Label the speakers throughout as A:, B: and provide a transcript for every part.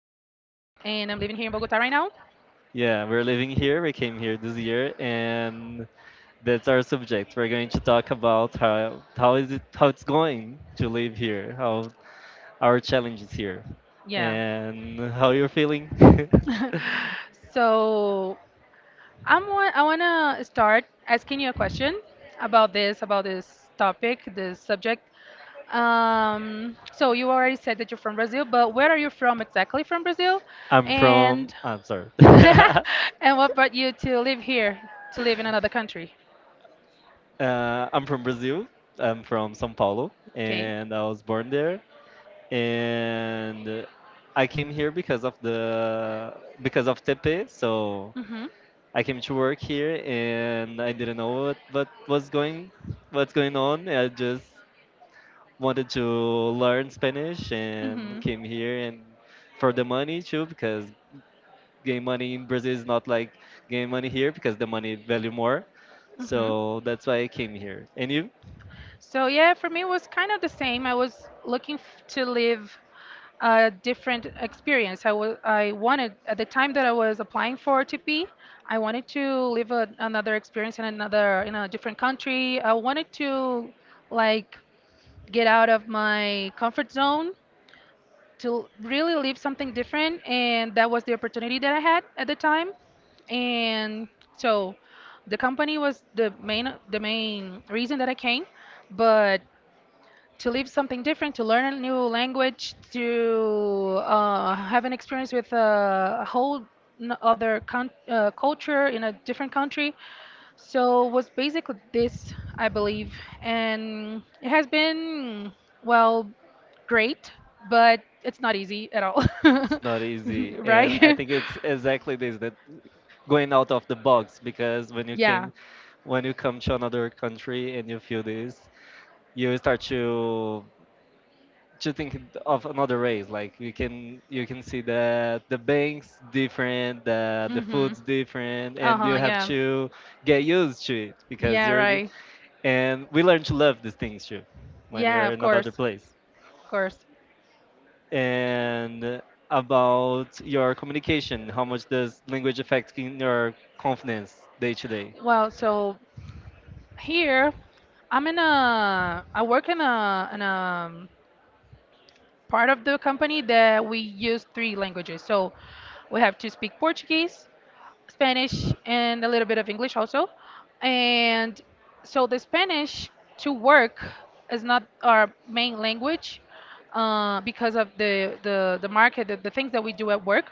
A: living here in Bogota right now.
B: Yeah, we're living here. We came here this year, and that's our subject. We're going to talk about how it's going to live here, how our challenges here
A: Yeah.
B: and how you're feeling.
A: So I want to start asking you a question about this topic, this subject. So you already said that you're from Brazil, but where are you from exactly from Brazil? And
B: I'm sorry.
A: and what brought you to live here, to live in another country?
B: I'm from Brazil. I'm from São Paulo
A: Okay.
B: and I was born there and I came here because of Tepe. So
A: Mhm.
B: I came to work here, and I didn't know what's going on. I just wanted to learn Spanish and
A: Mhm.
B: came here and for the money too, because game money in Brazil is not like game money here, because the money value more.
A: Hmm.
B: So that's why I came here. And you?
A: So yeah, for me it was kind of the same. I was looking f To live a different experience. I wanted at the time that I was applying for OTP, wanted to live another experience in a different country. I wanted to like get out of my comfort zone to really live something different, and that was the opportunity that I had at the time, and so the company was the main reason that I came. But to live something different, to learn a new language, to have an experience with a whole culture in a different country, so was basically this, I believe, and it has been, well, great, but it's not easy at all,
B: It's not easy, and I
A: right?
B: think it's exactly this that going out of the box, because
A: Yeah.
B: when you come to another country and you feel this, you start to think of another race. Like you can see that the banks different, the
A: Mhm.
B: food's different,
A: Uh
B: and you
A: huh.
B: have
A: Yeah.
B: to get used to it because
A: Yeah.
B: you're
A: Right.
B: and we learn to love these things too when
A: Yeah.
B: you're
A: Of
B: in
A: course.
B: another place.
A: Of course.
B: And about your communication. How much does language affect in your confidence day to day?
A: Well, so here, I work in a part of the company that we use three languages. So we have to speak Portuguese, Spanish, and a little bit of English also. And so the Spanish to work is not our main language, because of the market, the things that we do at work.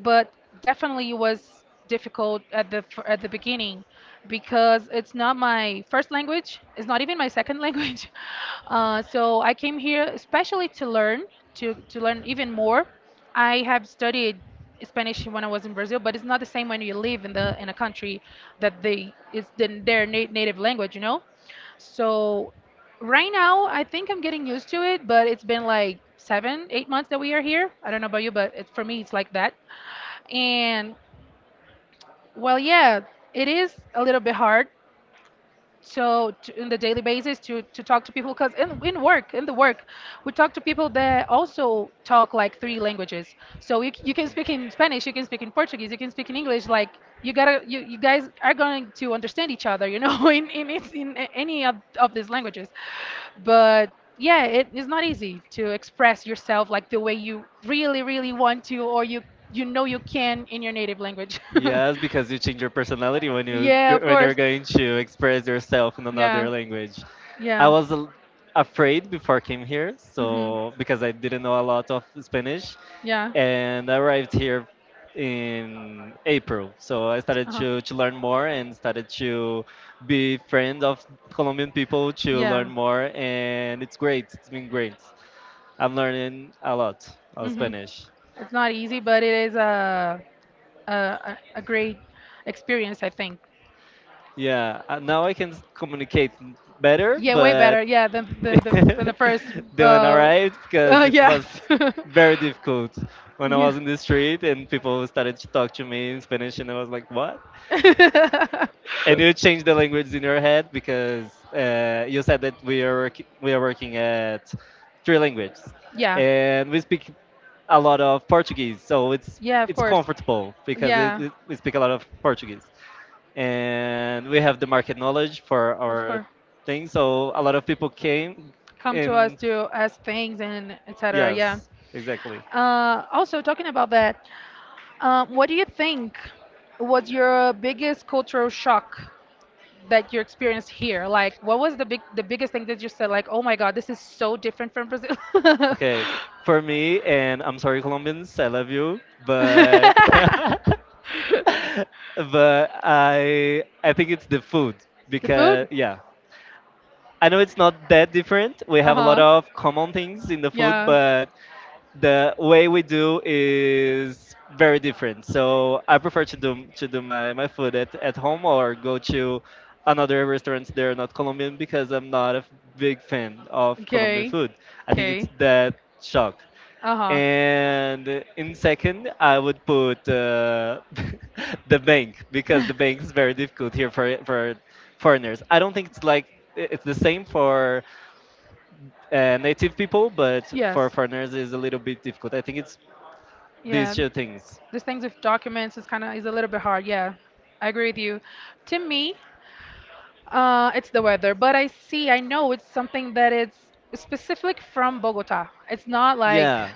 A: But definitely it was difficult at the beginning because it's not my first language. It's not even my second language. So I came here especially to learn, to learn even more. I have studied Spanish when I was in Brazil, but it's not the same when you live in a country that their native language, you know. So right now, I think I'm getting used to it, but it's been like 7, 8 months that we are here. I don't know about you, but for me, it's like that. And well, yeah, it is a little bit hard, so in the daily basis to talk to people, because in the work we talk to people that also talk like three languages. So you can speak in Spanish, you can speak in Portuguese, you can speak in English, like you guys are going to understand each other, you know, in, it's in a- any of these languages. But yeah, it is not easy to express yourself like the way you really really want to, or you know you can in your native language.
B: Yes, because you change your personality
A: Yeah, of
B: when you're
A: course.
B: going to express yourself in
A: Yeah,
B: another language. I
A: yeah.
B: was afraid before I came here, so
A: Hmm.
B: because I didn't know a lot of Spanish,
A: Yeah.
B: and I arrived here in April. So I started
A: Uh-huh.
B: to learn more and started to be friend of Colombian people to learn
A: Yeah.
B: more, and it's great. It's been great. I'm learning a lot of
A: Hmm.
B: Spanish.
A: It's not easy, but it is a great experience, I think.
B: Yeah, now I can communicate better,
A: Yeah, way better.
B: but
A: Yeah, than than the than the first.
B: they went alright because it was
A: Yes.
B: very difficult when I
A: Yeah.
B: was in the street and people started to talk to me in Spanish, and I was like, "What?" And you change the language in your head because you said that we are we are working at three languages,
A: Yeah.
B: and we speak a lot of Portuguese, so it's
A: Yeah, of
B: it's
A: course.
B: comfortable because
A: Yeah,
B: we speak a lot of Portuguese and we have the market knowledge for
A: of
B: our
A: course.
B: thing. So a lot of people came,
A: Come to us
B: and
A: to ask things and etc. Yeah.
B: yes, exactly.
A: Also, talking about that, what do you think was your biggest cultural shock that you experienced here? Like, what was the biggest thing that you said, like, oh my God, this is so different from Brazil?
B: Okay, for me, and I'm sorry, Colombians, I love you, but but I think it's the food,
A: The
B: because
A: food?
B: yeah, I know it's not that different. We have a lot
A: Uh-huh.
B: of common things in the food,
A: Yeah.
B: but the way we do is very different. So I prefer to do my food at home or go to another restaurants that are not Colombian, because I'm not a big fan of Colombian
A: Okay.
B: food. I think it's
A: Okay.
B: that shock.
A: Uh-huh.
B: And in second, I would put the bank, because the bank is very difficult here for foreigners. I don't think it's the same for native people, but for
A: Yes.
B: foreigners is a little bit difficult. I think it's these
A: Yeah.
B: two things.
A: These things with documents is kind of is a little bit hard. Yeah. I agree with you. To me, uh, it's the weather, but I see, I know it's something that it's specific from Bogota. It's not like
B: Yeah,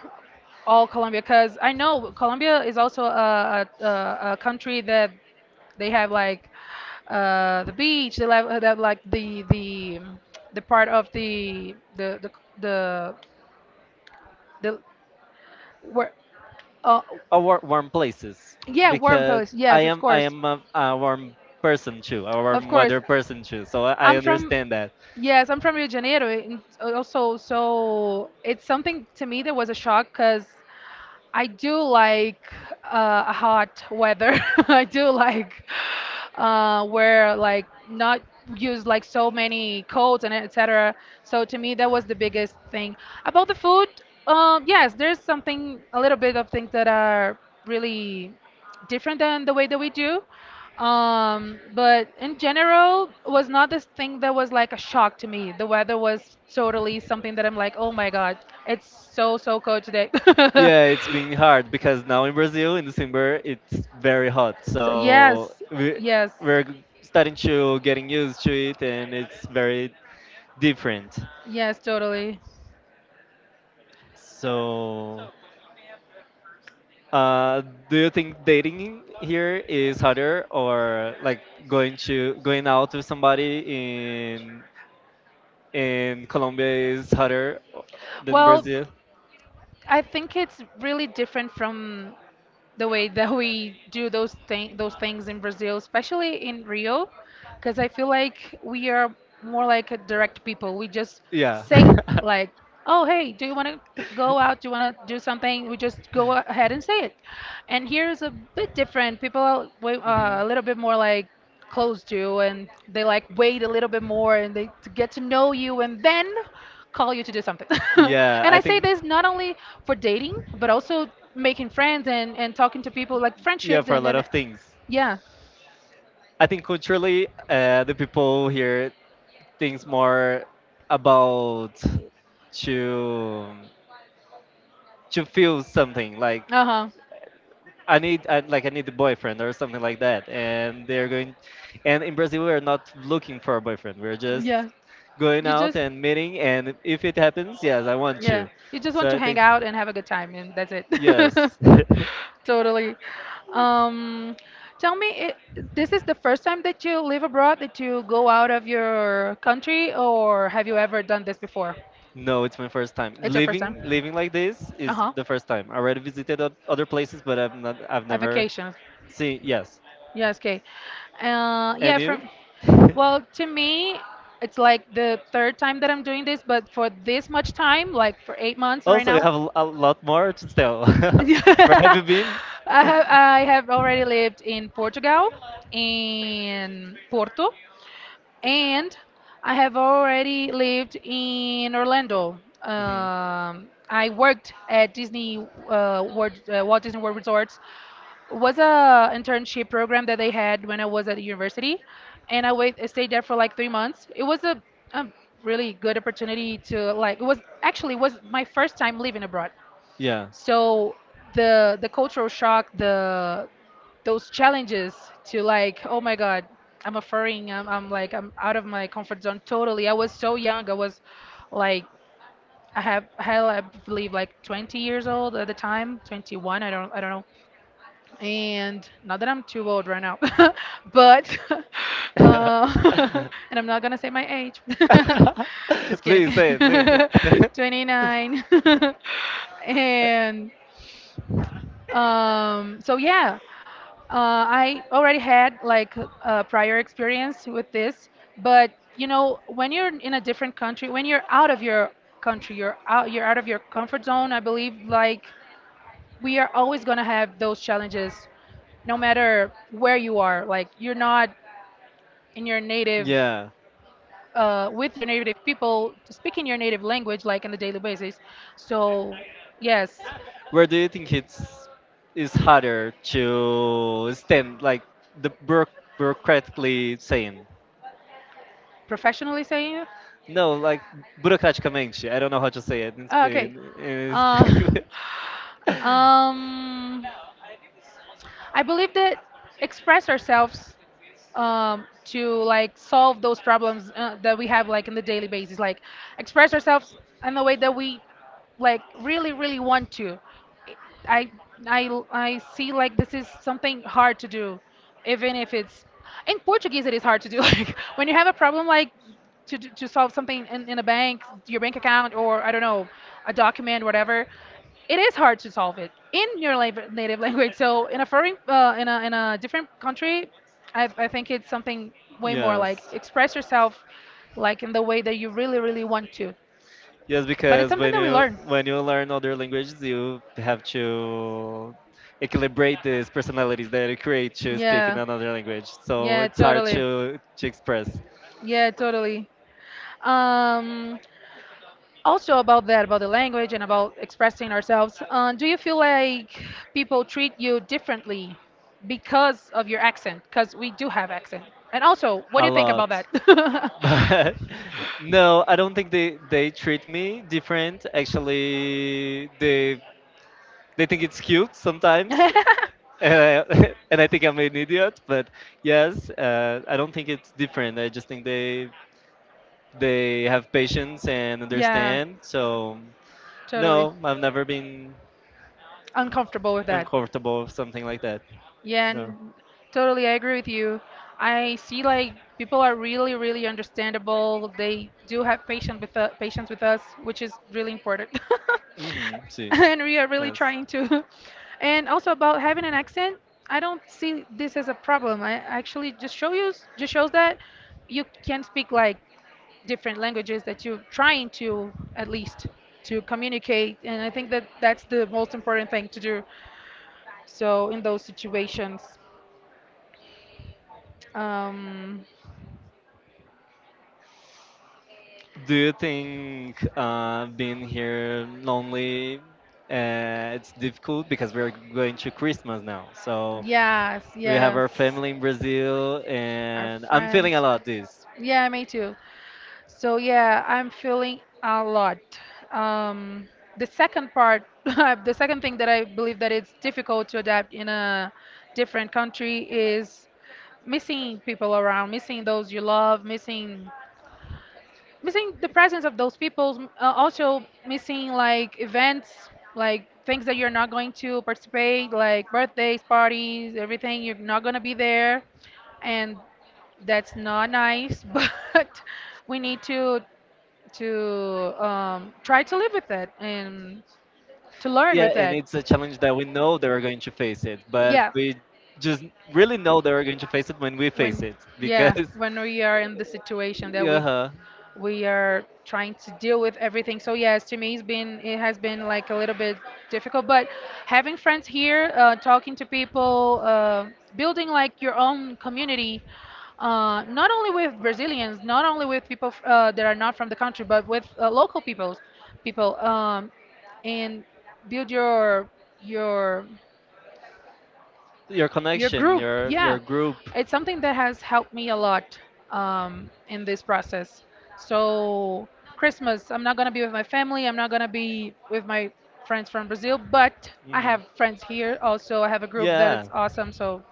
A: all Colombia, because I know Colombia is also a country that they have like the beach, they have like the part of the, the where, uh,
B: or warm places,
A: yeah, warm
B: because
A: place.
B: I
A: Yes, of
B: am I
A: course,
B: am a warm person too, a
A: of
B: warm
A: course.
B: weather person too. So I
A: I'm from.
B: understand that.
A: Yes, I'm from Rio de Janeiro, and also, so it's something to me that was a shock because I do like hot weather. I do like, where like not use like so many coats and etc. So to me, that was the biggest thing. About the food, yes, there's something a little bit of things that are really different than the way that we do. But in general, was not this thing that was like a shock to me. The weather was totally something that I'm like, oh my God, it's so, so cold today.
B: Yeah, it's been hard because now in Brazil in December it's very hot,
A: So,
B: so
A: yes,
B: we
A: yes.
B: we're starting to getting used to it, and it's very different.
A: Yes, totally.
B: So, uh, do you think dating here is harder, or like going out with somebody in Colombia is harder than
A: Well,
B: Brazil?
A: I think it's really different from the way that we do those things in Brazil, especially in Rio, because I feel like we are more like a direct people. We just
B: Yeah.
A: say like, "Oh, hey, do you want to go out? Do you want to do something?" We just go ahead and say it. And here is a bit different. People are way,
B: Mhm.
A: a little bit more like close to, and they like wait a little bit more and they to get to know you and then call you to do something,
B: Yeah,
A: and
B: I
A: I say
B: think,
A: this not only for dating but also making friends and talking to people, like
B: yeah,
A: friendships
B: for a
A: and
B: lot
A: and
B: of things.
A: yeah.
B: I think culturally, the people here thinks more about to to feel something like
A: Uh-huh.
B: I need, like I need a boyfriend or something like that, and they're going. And in Brazil we're not looking for a boyfriend, we're just
A: Yeah.
B: going
A: you
B: out
A: just
B: and meeting, and if it happens, yes, I want
A: Yeah,
B: you.
A: you just want
B: So
A: to
B: I
A: hang
B: think,
A: out and have a good time, and that's it.
B: yes.
A: Totally. Um, Tell me, this is the first time that you live abroad, that you go out of your country, or have you ever done this before?
B: No, it's my first time.
A: It's your first time.
B: Living like this is
A: Uh-huh.
B: the first time. I already visited other places, but I've
A: A
B: never
A: vacation.
B: seen. Yes,
A: Yes, okay.
B: and
A: Yeah,
B: you?
A: well, to me, it's like the third time that I'm doing this, but for this much time, like for 8 months right
B: Also, you
A: now.
B: have a lot more to tell. Where have you been?
A: I I have already lived in Portugal, in Porto, and I have already lived in Orlando.
B: Hmm.
A: I worked at Disney, World, Walt Disney World Resorts. Was a internship program that they had when I was at university, and I stayed there for like 3 months. It was a really good opportunity to like. It was actually it was my first time living abroad.
B: Yeah.
A: So the cultural shock, the those challenges, to like oh my god, I'm a furrying I'm out of my comfort zone totally. I was so young, I was like, I have hell I believe like 20 years old at the time, 21, I don't, I don't know, and not that I'm too old right now. But uh, and I'm not gonna say my age. Just kidding.
B: Please say it. Please say it.
A: 29. And so yeah, I already had like a prior experience with this, but you know, when you're in a different country, when you're out of your country, you're out of your comfort zone. I believe like we are always gonna have those challenges, no matter where you are. Like you're not in your native.
B: Yeah.
A: With your native people speaking your native language like on a daily basis, so yes.
B: Where do you think it's is harder to stand like the bureaucratically saying?
A: Professionally saying?
B: No, like burocraticamente. I don't know how to say it in
A: Oh, okay.
B: Spain. In
A: Uh,
B: Spanish.
A: um, I believe that express ourselves, to like solve those problems, that we have like in the daily basis, like express ourselves in the way that we like really really want to. I I see like this is something hard to do, even if it's in Portuguese it is hard to do. Like when you have a problem like to solve something in a bank, your bank account, or I don't know, a document, whatever, it is hard to solve it in your native language. So in a different country, I think it's something way more like
B: Yes.
A: express yourself like in the way that you really really want to.
B: Yes,
A: But it's
B: because
A: something
B: when
A: that we
B: you
A: learn.
B: when you learn other languages, you have to equilibrate these personalities that you create to speak in
A: Yeah,
B: another language. So
A: yeah,
B: it's hard
A: totally.
B: to express.
A: Yeah, totally. Um, Also about that, about the language and about expressing ourselves, do you feel like people treat you differently because of your accent? Because we do have accent. And also, what do
B: A
A: you think
B: lot,
A: about that?
B: but no, I don't think they treat me different, actually, they think it's cute sometimes, uh, and I think I'm an idiot. But yes, I don't think it's different. I just think they have patience and
A: Yeah,
B: understand. So
A: totally.
B: no, I've never been
A: Uncomfortable with that.
B: uncomfortable with something like that.
A: Yeah,
B: No.
A: and totally, I agree with you. I see like people are really, really understandable. They do have patience with patience with us, which is really important.
B: Mm-hmm. See.
A: And we are really
B: Yes.
A: trying to. And also about having an accent, I don't see this as a problem. I actually just show you just shows that you can speak like different languages that you're trying to at least to communicate, and I think that that's the most important thing to do so in those situations. um,
B: Do you think being here lonely, it's difficult because we're going to Christmas now? So
A: yes,
B: we have
A: yes,
B: our family in Brazil,
A: our
B: and I'm
A: friends.
B: feeling a lot this.
A: Yeah, me too. So yeah, I'm feeling a lot. Um, the second part, the second thing that I believe that it's difficult to adapt in a different country is missing people around, missing those you love, missing the presence of those people, also missing like events, like things that you're not going to participate, like birthdays parties, everything you're not going to be there, and that's not nice. But we need to try to live with it and to learn
B: Yeah,
A: with
B: and
A: it.
B: it's a challenge that we know they are going to face it, but
A: Yeah.
B: we just really know they are going to face it when we face
A: when
B: it,
A: yeah
B: because,
A: when we are in the situation that we
B: yeah,
A: we are trying to deal with everything. So yes, to me, it has been like a little bit difficult, but having friends here, talking to people, building like your own community. Not only with Brazilians, not only with people that are not from the country, but with local peoples, people, and build your
B: your
A: your
B: connection,
A: group,
B: your
A: yeah.
B: group.
A: It's something that has helped me a lot, in this process. So, Christmas, I'm not going to be with my family. I'm not going to be with my friends from Brazil, but I
B: Hmm.
A: have friends here also. I have a group that
B: Yeah,
A: is awesome. So,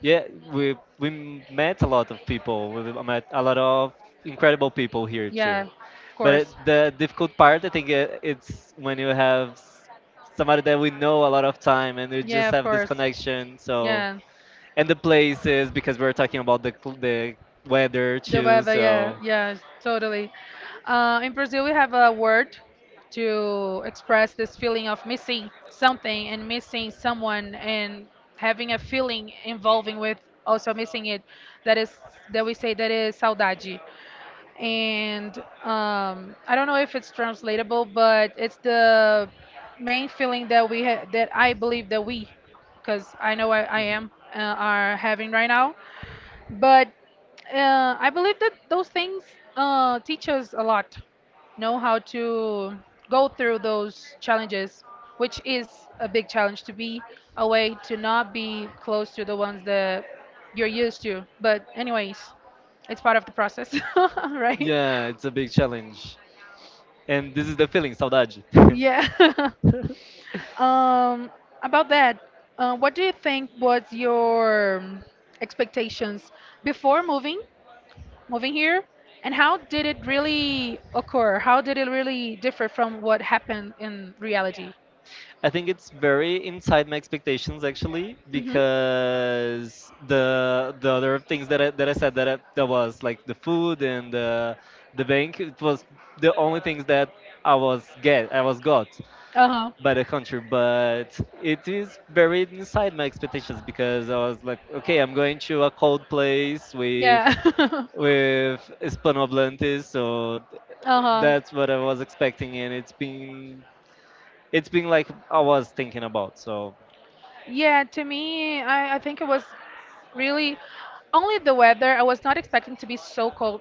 B: yeah, we met a lot of people. We met a lot of incredible people here too.
A: yeah, of
B: But
A: course.
B: the difficult part, I think, it's when you have somebody that we know a lot of time, and we
A: Yeah,
B: just
A: of
B: have this
A: course.
B: connection. So,
A: Yeah.
B: and the places, because we're talking about the weather
A: The
B: too.
A: weather, yeah,
B: So.
A: yeah, totally. In Brazil, we have a word to express this feeling of missing something and missing someone and having a feeling involving with also missing it. That is that we say that is saudade, and I don't know if it's translatable, but it's the main feeling that we that I believe that we, because I know I
B: Mhm.
A: am, are having right now. But I believe that those things teach us a lot, know how to go through those challenges, which is a big challenge to be away, to not be close to the ones that you're used to. But anyways, it's part of the process, right?
B: Yeah, it's a big challenge. And this is the feeling, saudade.
A: Yeah. Um, about that, what do you think was your expectations before moving here? And how did it really occur? How did it really differ from what happened in reality?
B: I think it's very inside my expectations, actually,
A: Hmm.
B: because the other things that I said, that was like the food and the bank, it was the only things that I was got
A: Uh-huh.
B: by the country. But it is very inside my expectations because I was like, okay, I'm going to a cold place with
A: Yeah.
B: with Hispanohablantes, so
A: Uh huh.
B: that's what I was expecting, and it's been like I was thinking about. So
A: Yeah, to me, I think it was really only the weather. I was not expecting to be so cold,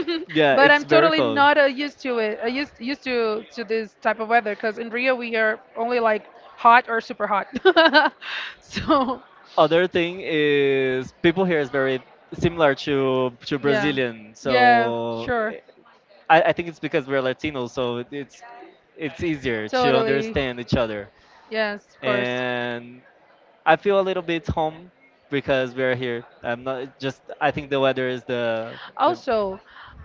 B: yeah,
A: but
B: it's
A: I'm
B: very
A: totally
B: cold.
A: not used to it. Used to this type of weather because in Rio we are only like hot or super hot. So,
B: Other thing is people here is very similar to
A: yeah,
B: Brazilian.
A: yeah,
B: So
A: sure,
B: I think it's because we're Latinos, so it's easier to
A: totally.
B: understand each other.
A: Yes, of course.
B: And I feel a little bit home because we're here. I'm not just. I think the weather is the.
A: Also,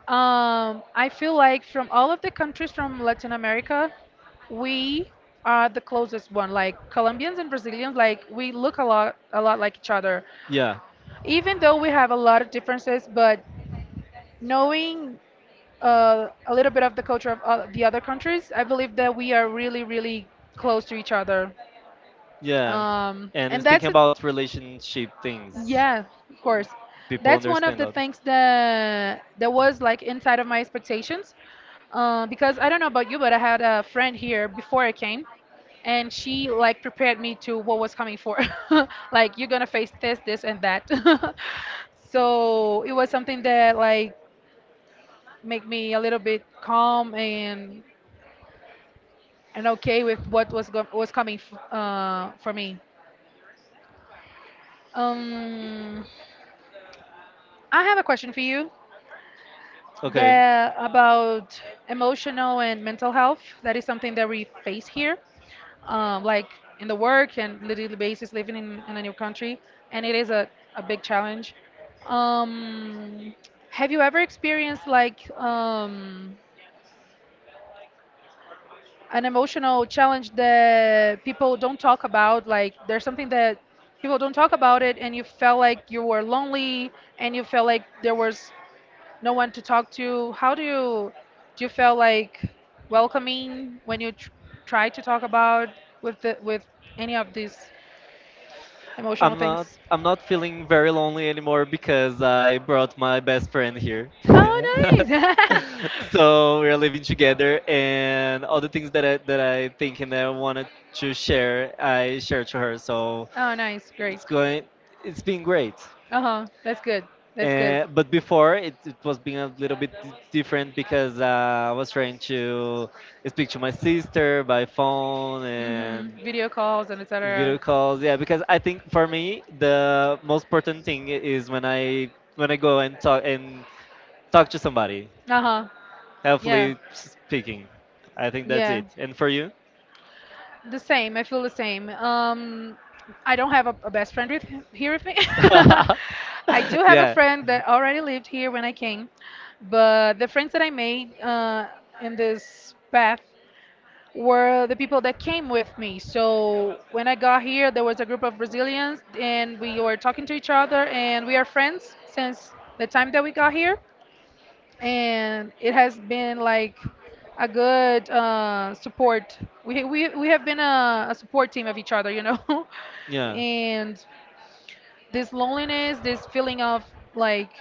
A: I feel like from all of the countries from Latin America, we are the closest one. Like Colombians and Brazilians, like we look a lot like each other.
B: Yeah,
A: Even though we have a lot of differences, but knowing a little bit of the culture of the other countries, I believe that we are really, really close to each other.
B: yeah. And in
A: And
B: speaking
A: that's it.
B: about relationship things,
A: Yeah, of course.
B: people
A: That's one of
B: understand
A: the
B: that.
A: things that was like inside of my expectations, because I don't know about you, but I had a friend here before I came, and she like prepared me to what was coming for, like you're gonna face this, this, and that. So it was something that like made me a little bit calm and okay with what was go was coming f for me. Um, I have a question for you.
B: Okay.
A: The About emotional and mental health, that is something that we face here, like in the work and literally basis living in a new country, and it is a big challenge. um, have you ever experienced like an emotional challenge that people don't talk about, like there's something that people don't talk about it and you felt like you were lonely and you felt like there was no one to talk to. How do you Do you feel like welcoming when you tr try to talk about with with any of these emotional
B: I'm not
A: things?
B: I'm not feeling very lonely anymore, because I brought my best friend here.
A: Oh, nice.
B: So we're living together, and all the things that I think and that I wanted to share, I share to her. So
A: Oh, nice. Great.
B: it's going it's been great,
A: Uh-huh. That's good. That's good.
B: but before it, was being a little bit different, because I was trying to speak to my sister by phone and
A: Mm-hmm. Video calls and
B: video
A: etc.
B: calls, yeah, because I think for me the most important thing is when I go and talk to somebody,
A: Uh-huh. Yeah.
B: helpfully speaking. I think that's
A: Yeah.
B: it. And for you?
A: The same. I feel the same. I don't have a best friend with here with me. I do have a
B: Yeah.
A: friend that already lived here when I came, but the friends that I made in this path were the people that came with me. So when I got here, there was a group of Brazilians, and we were talking to each other, and we are friends since the time that we got here. And it has been like a good support. We have been a support team of each other, you know?
B: Yeah.
A: And this loneliness, this feeling of like,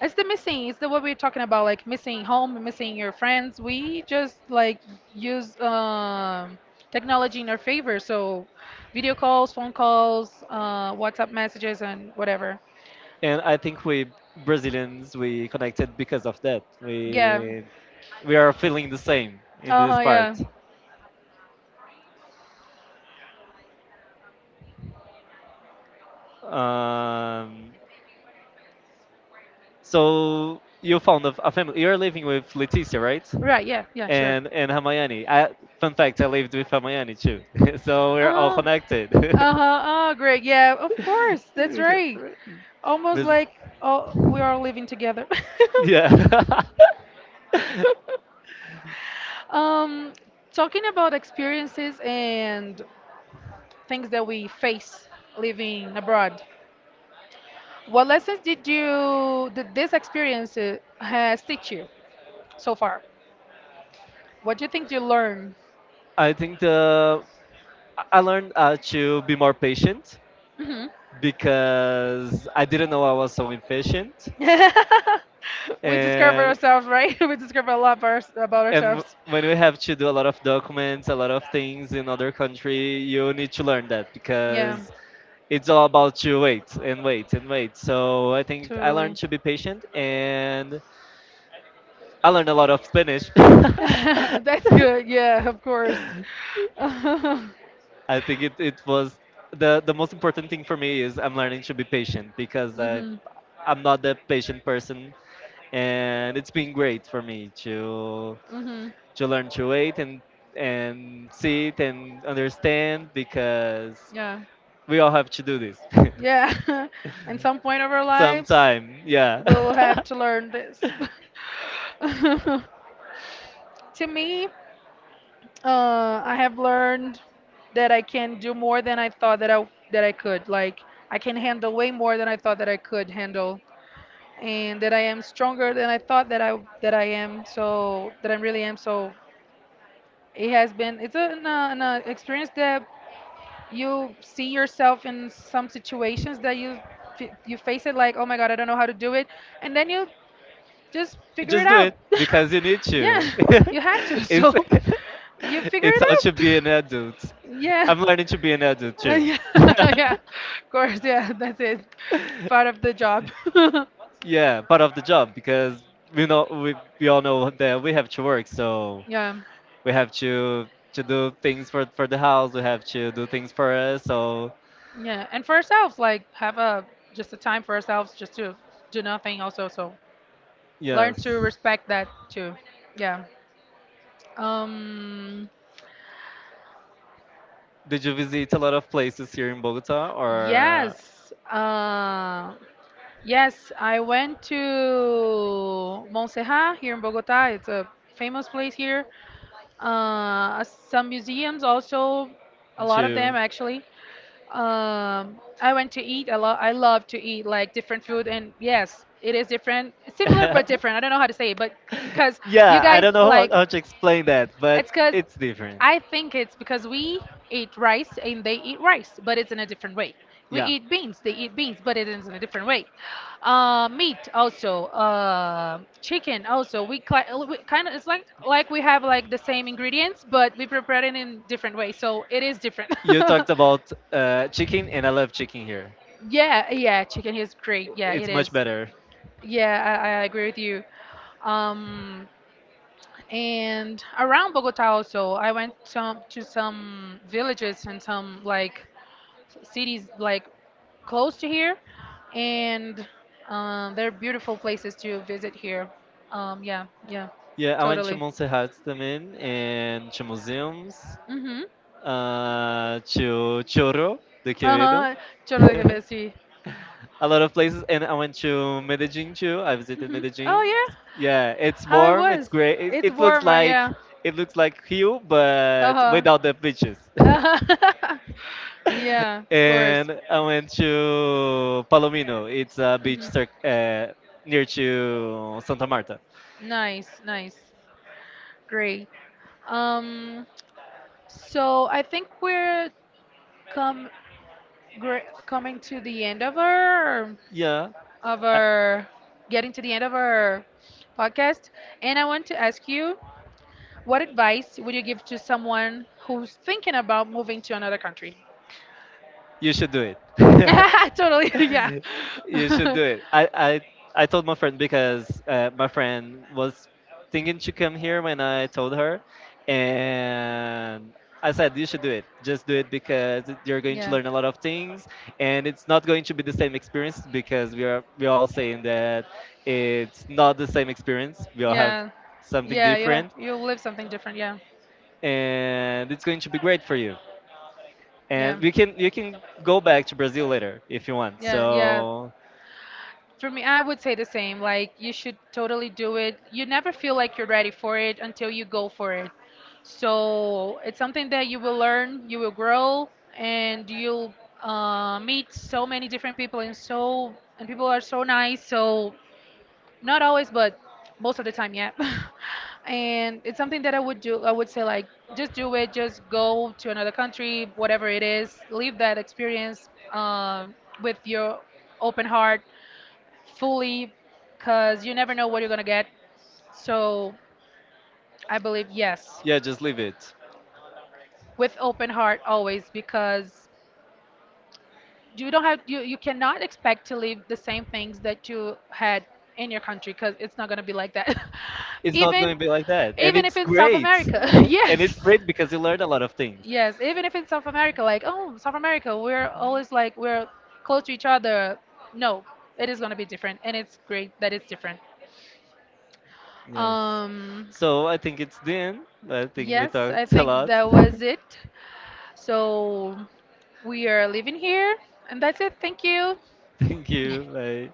A: it's the missing, it's the what we're talking about, like missing home, missing your friends. We just like use technology in our favor. So video calls, phone calls, WhatsApp messages, and whatever.
B: And I think we Brazilians, we connected because of that.
A: Yeah.
B: We are feeling the same in this
A: Uh-huh,
B: part.
A: yeah.
B: Um, so you found a family. You're living with Leticia, right?
A: Right, yeah, yeah, sure.
B: And Hamayani. Fun fact: I lived with Hamayani too. So we're all
A: Oh,
B: connected.
A: uh-huh, oh, great. Yeah, of course. That's right. Almost
B: Brazil-
A: like oh, we are living together.
B: Yeah.
A: Um, Talking about experiences and things that we face living abroad. What lessons did this experience, has teach you so far? What do you think you learned?
B: I think the I learned to be more patient,
A: Hmm.
B: because I didn't know I was so impatient,
A: We discover
B: and
A: ourselves, right? We discover a lot about, about
B: and
A: ourselves.
B: when we have to do a lot of documents, a lot of things in other country, you need to learn that,
A: Yeah,
B: because it's all about you wait and wait and wait. So I think I
A: totally.
B: learned to be patient, and I learned a lot of Spanish.
A: That's good. Yeah, of course.
B: I think it was, the most important thing for me is I'm learning to be patient, because
A: Yeah,
B: I
A: hmm.
B: I'm not that patient person, and it's been great for me to
A: Mhm.
B: to learn to wait and see it and understand, because
A: Yeah.
B: we all have to do this.
A: Yeah. At some point of our lives,
B: Sometime, yeah.
A: we'll have to learn this. To me, I have learned that I can do more than I thought that I could. Like I can handle way more than I thought that I could handle and that I am stronger than I thought that I am. So that I really am. So it has been. It's an experience that you see yourself in some situations that you you face it like, oh my God, I don't know how to do it, and then you just figure it
B: Just do
A: out.
B: it because you need
A: Yeah,
B: to.
A: you have to. So
B: It's.
A: you figure
B: It's
A: it
B: how to
A: out.
B: be an adult.
A: Yeah.
B: I'm learning to be an adult too.
A: Yeah, yeah, of course, yeah, that's it. Part of the job.
B: Yeah, part of the job, because we know we all know that we have to work, so
A: Yeah.
B: we have to do things for the house. We have to do things for us. So
A: Yeah, and for ourselves, like have a just a time for ourselves, just to do nothing. Also, so learn to
B: yes.
A: respect that too. Yeah. Um.
B: Did you visit a lot of places here in Bogota, or
A: Yes. Yes, I went to Montserrat here in Bogota. It's a famous place here. Some museums also, a lot of
B: to?
A: them actually. I went to eat a lot. I love to eat like different food, and yes, it is different, similar but different. I don't know how to say it, but because you
B: Yeah, I
A: guys
B: don't know how,
A: like.
B: how to explain that, but
A: It's because
B: it's different.
A: I think it's because we eat rice and they eat rice, but it's in a different way. We
B: Yeah.
A: eat beans, they eat beans, but it is in a different way. Meat also, chicken also. We kind of it's like we have like the same ingredients, but we prepare it in different ways, so it is different.
B: You talked about chicken, and I love chicken here.
A: Yeah, yeah, chicken is great. Yeah, it
B: It's much
A: is.
B: better.
A: Yeah, I agree with you. Um, and around Bogota also, I went to some villages and some like cities like close to here, and they're beautiful places to visit here. Yeah, yeah,
B: Yeah, I went to
A: totally.
B: Montserrat também and to museums,
A: Mm-hmm.
B: to Choro, the querido.
A: Uh-huh. Totally can see.
B: A lot of places, and I went to Medellin too. I visited
A: Hmm.
B: Medellin.
A: Oh yeah.
B: Yeah, it's
A: How it
B: warm, it's
A: was?
B: great. it,
A: It's
B: it looks
A: warmer,
B: like
A: yeah.
B: it looks like Rio, but
A: Uh-huh.
B: without the beaches.
A: Yeah, of course.
B: And I went to Palomino, it's a beach
A: Mhm.
B: near to Santa Marta.
A: Nice, nice. Great. Um, so I think we're come gre coming to the end of our
B: Yeah.
A: of
B: I,
A: our getting to the end of our podcast, and I want to ask you, what advice would you give to someone who's thinking about moving to another country?
B: you should do it.
A: Yeah, totally. Yeah.
B: You should do it. I told my friend, because my friend was thinking to come here when I told her, and I said you should do it. Just do it, because you're going to learn a lot of things, and it's not going to be the same experience, because we are all saying that it's not the same experience. We all have
A: Yeah.
B: something
A: Yeah. Yeah, yeah.
B: different,
A: You'll live something different. Yeah.
B: and it's going to be great for you,
A: Yeah.
B: and we can you can go back to Brazil later if you want.
A: Yeah, yeah.
B: So
A: For me, I would say the same. Like, you should totally do it. You never feel like you're ready for it until you go for it. So, it's something that you will learn, you will grow, and you'll meet so many different people, and so, and people are so nice. So, not always, but most of the time, yeah. And it's something that I would do. I would say, like, just do it, just go to another country, whatever it is, leave that experience, with your open heart fully because you never know what you're going to get. So I believe yes,
B: yeah, just leave it.
A: with open heart always because you don't have you, you cannot expect to leave the same things that you had in your country because it's not going to be like that.
B: It's not
A: even
B: going to be like that, and
A: Even if
B: it's
A: in South
B: great,
A: America.
B: and it's
A: Yes.
B: great because you learn a lot of things.
A: Yes, even if in South America, like, oh, South America, we're always like, we're close to each other. No, it is going to be different. And it's great that it's different.
B: Yes.
A: Um,
B: So I think it's the end. I think we
A: yes, I
B: talked a
A: think
B: lot.
A: that was it. So we are leaving here, and that's it. Thank you.
B: Thank you. Bye.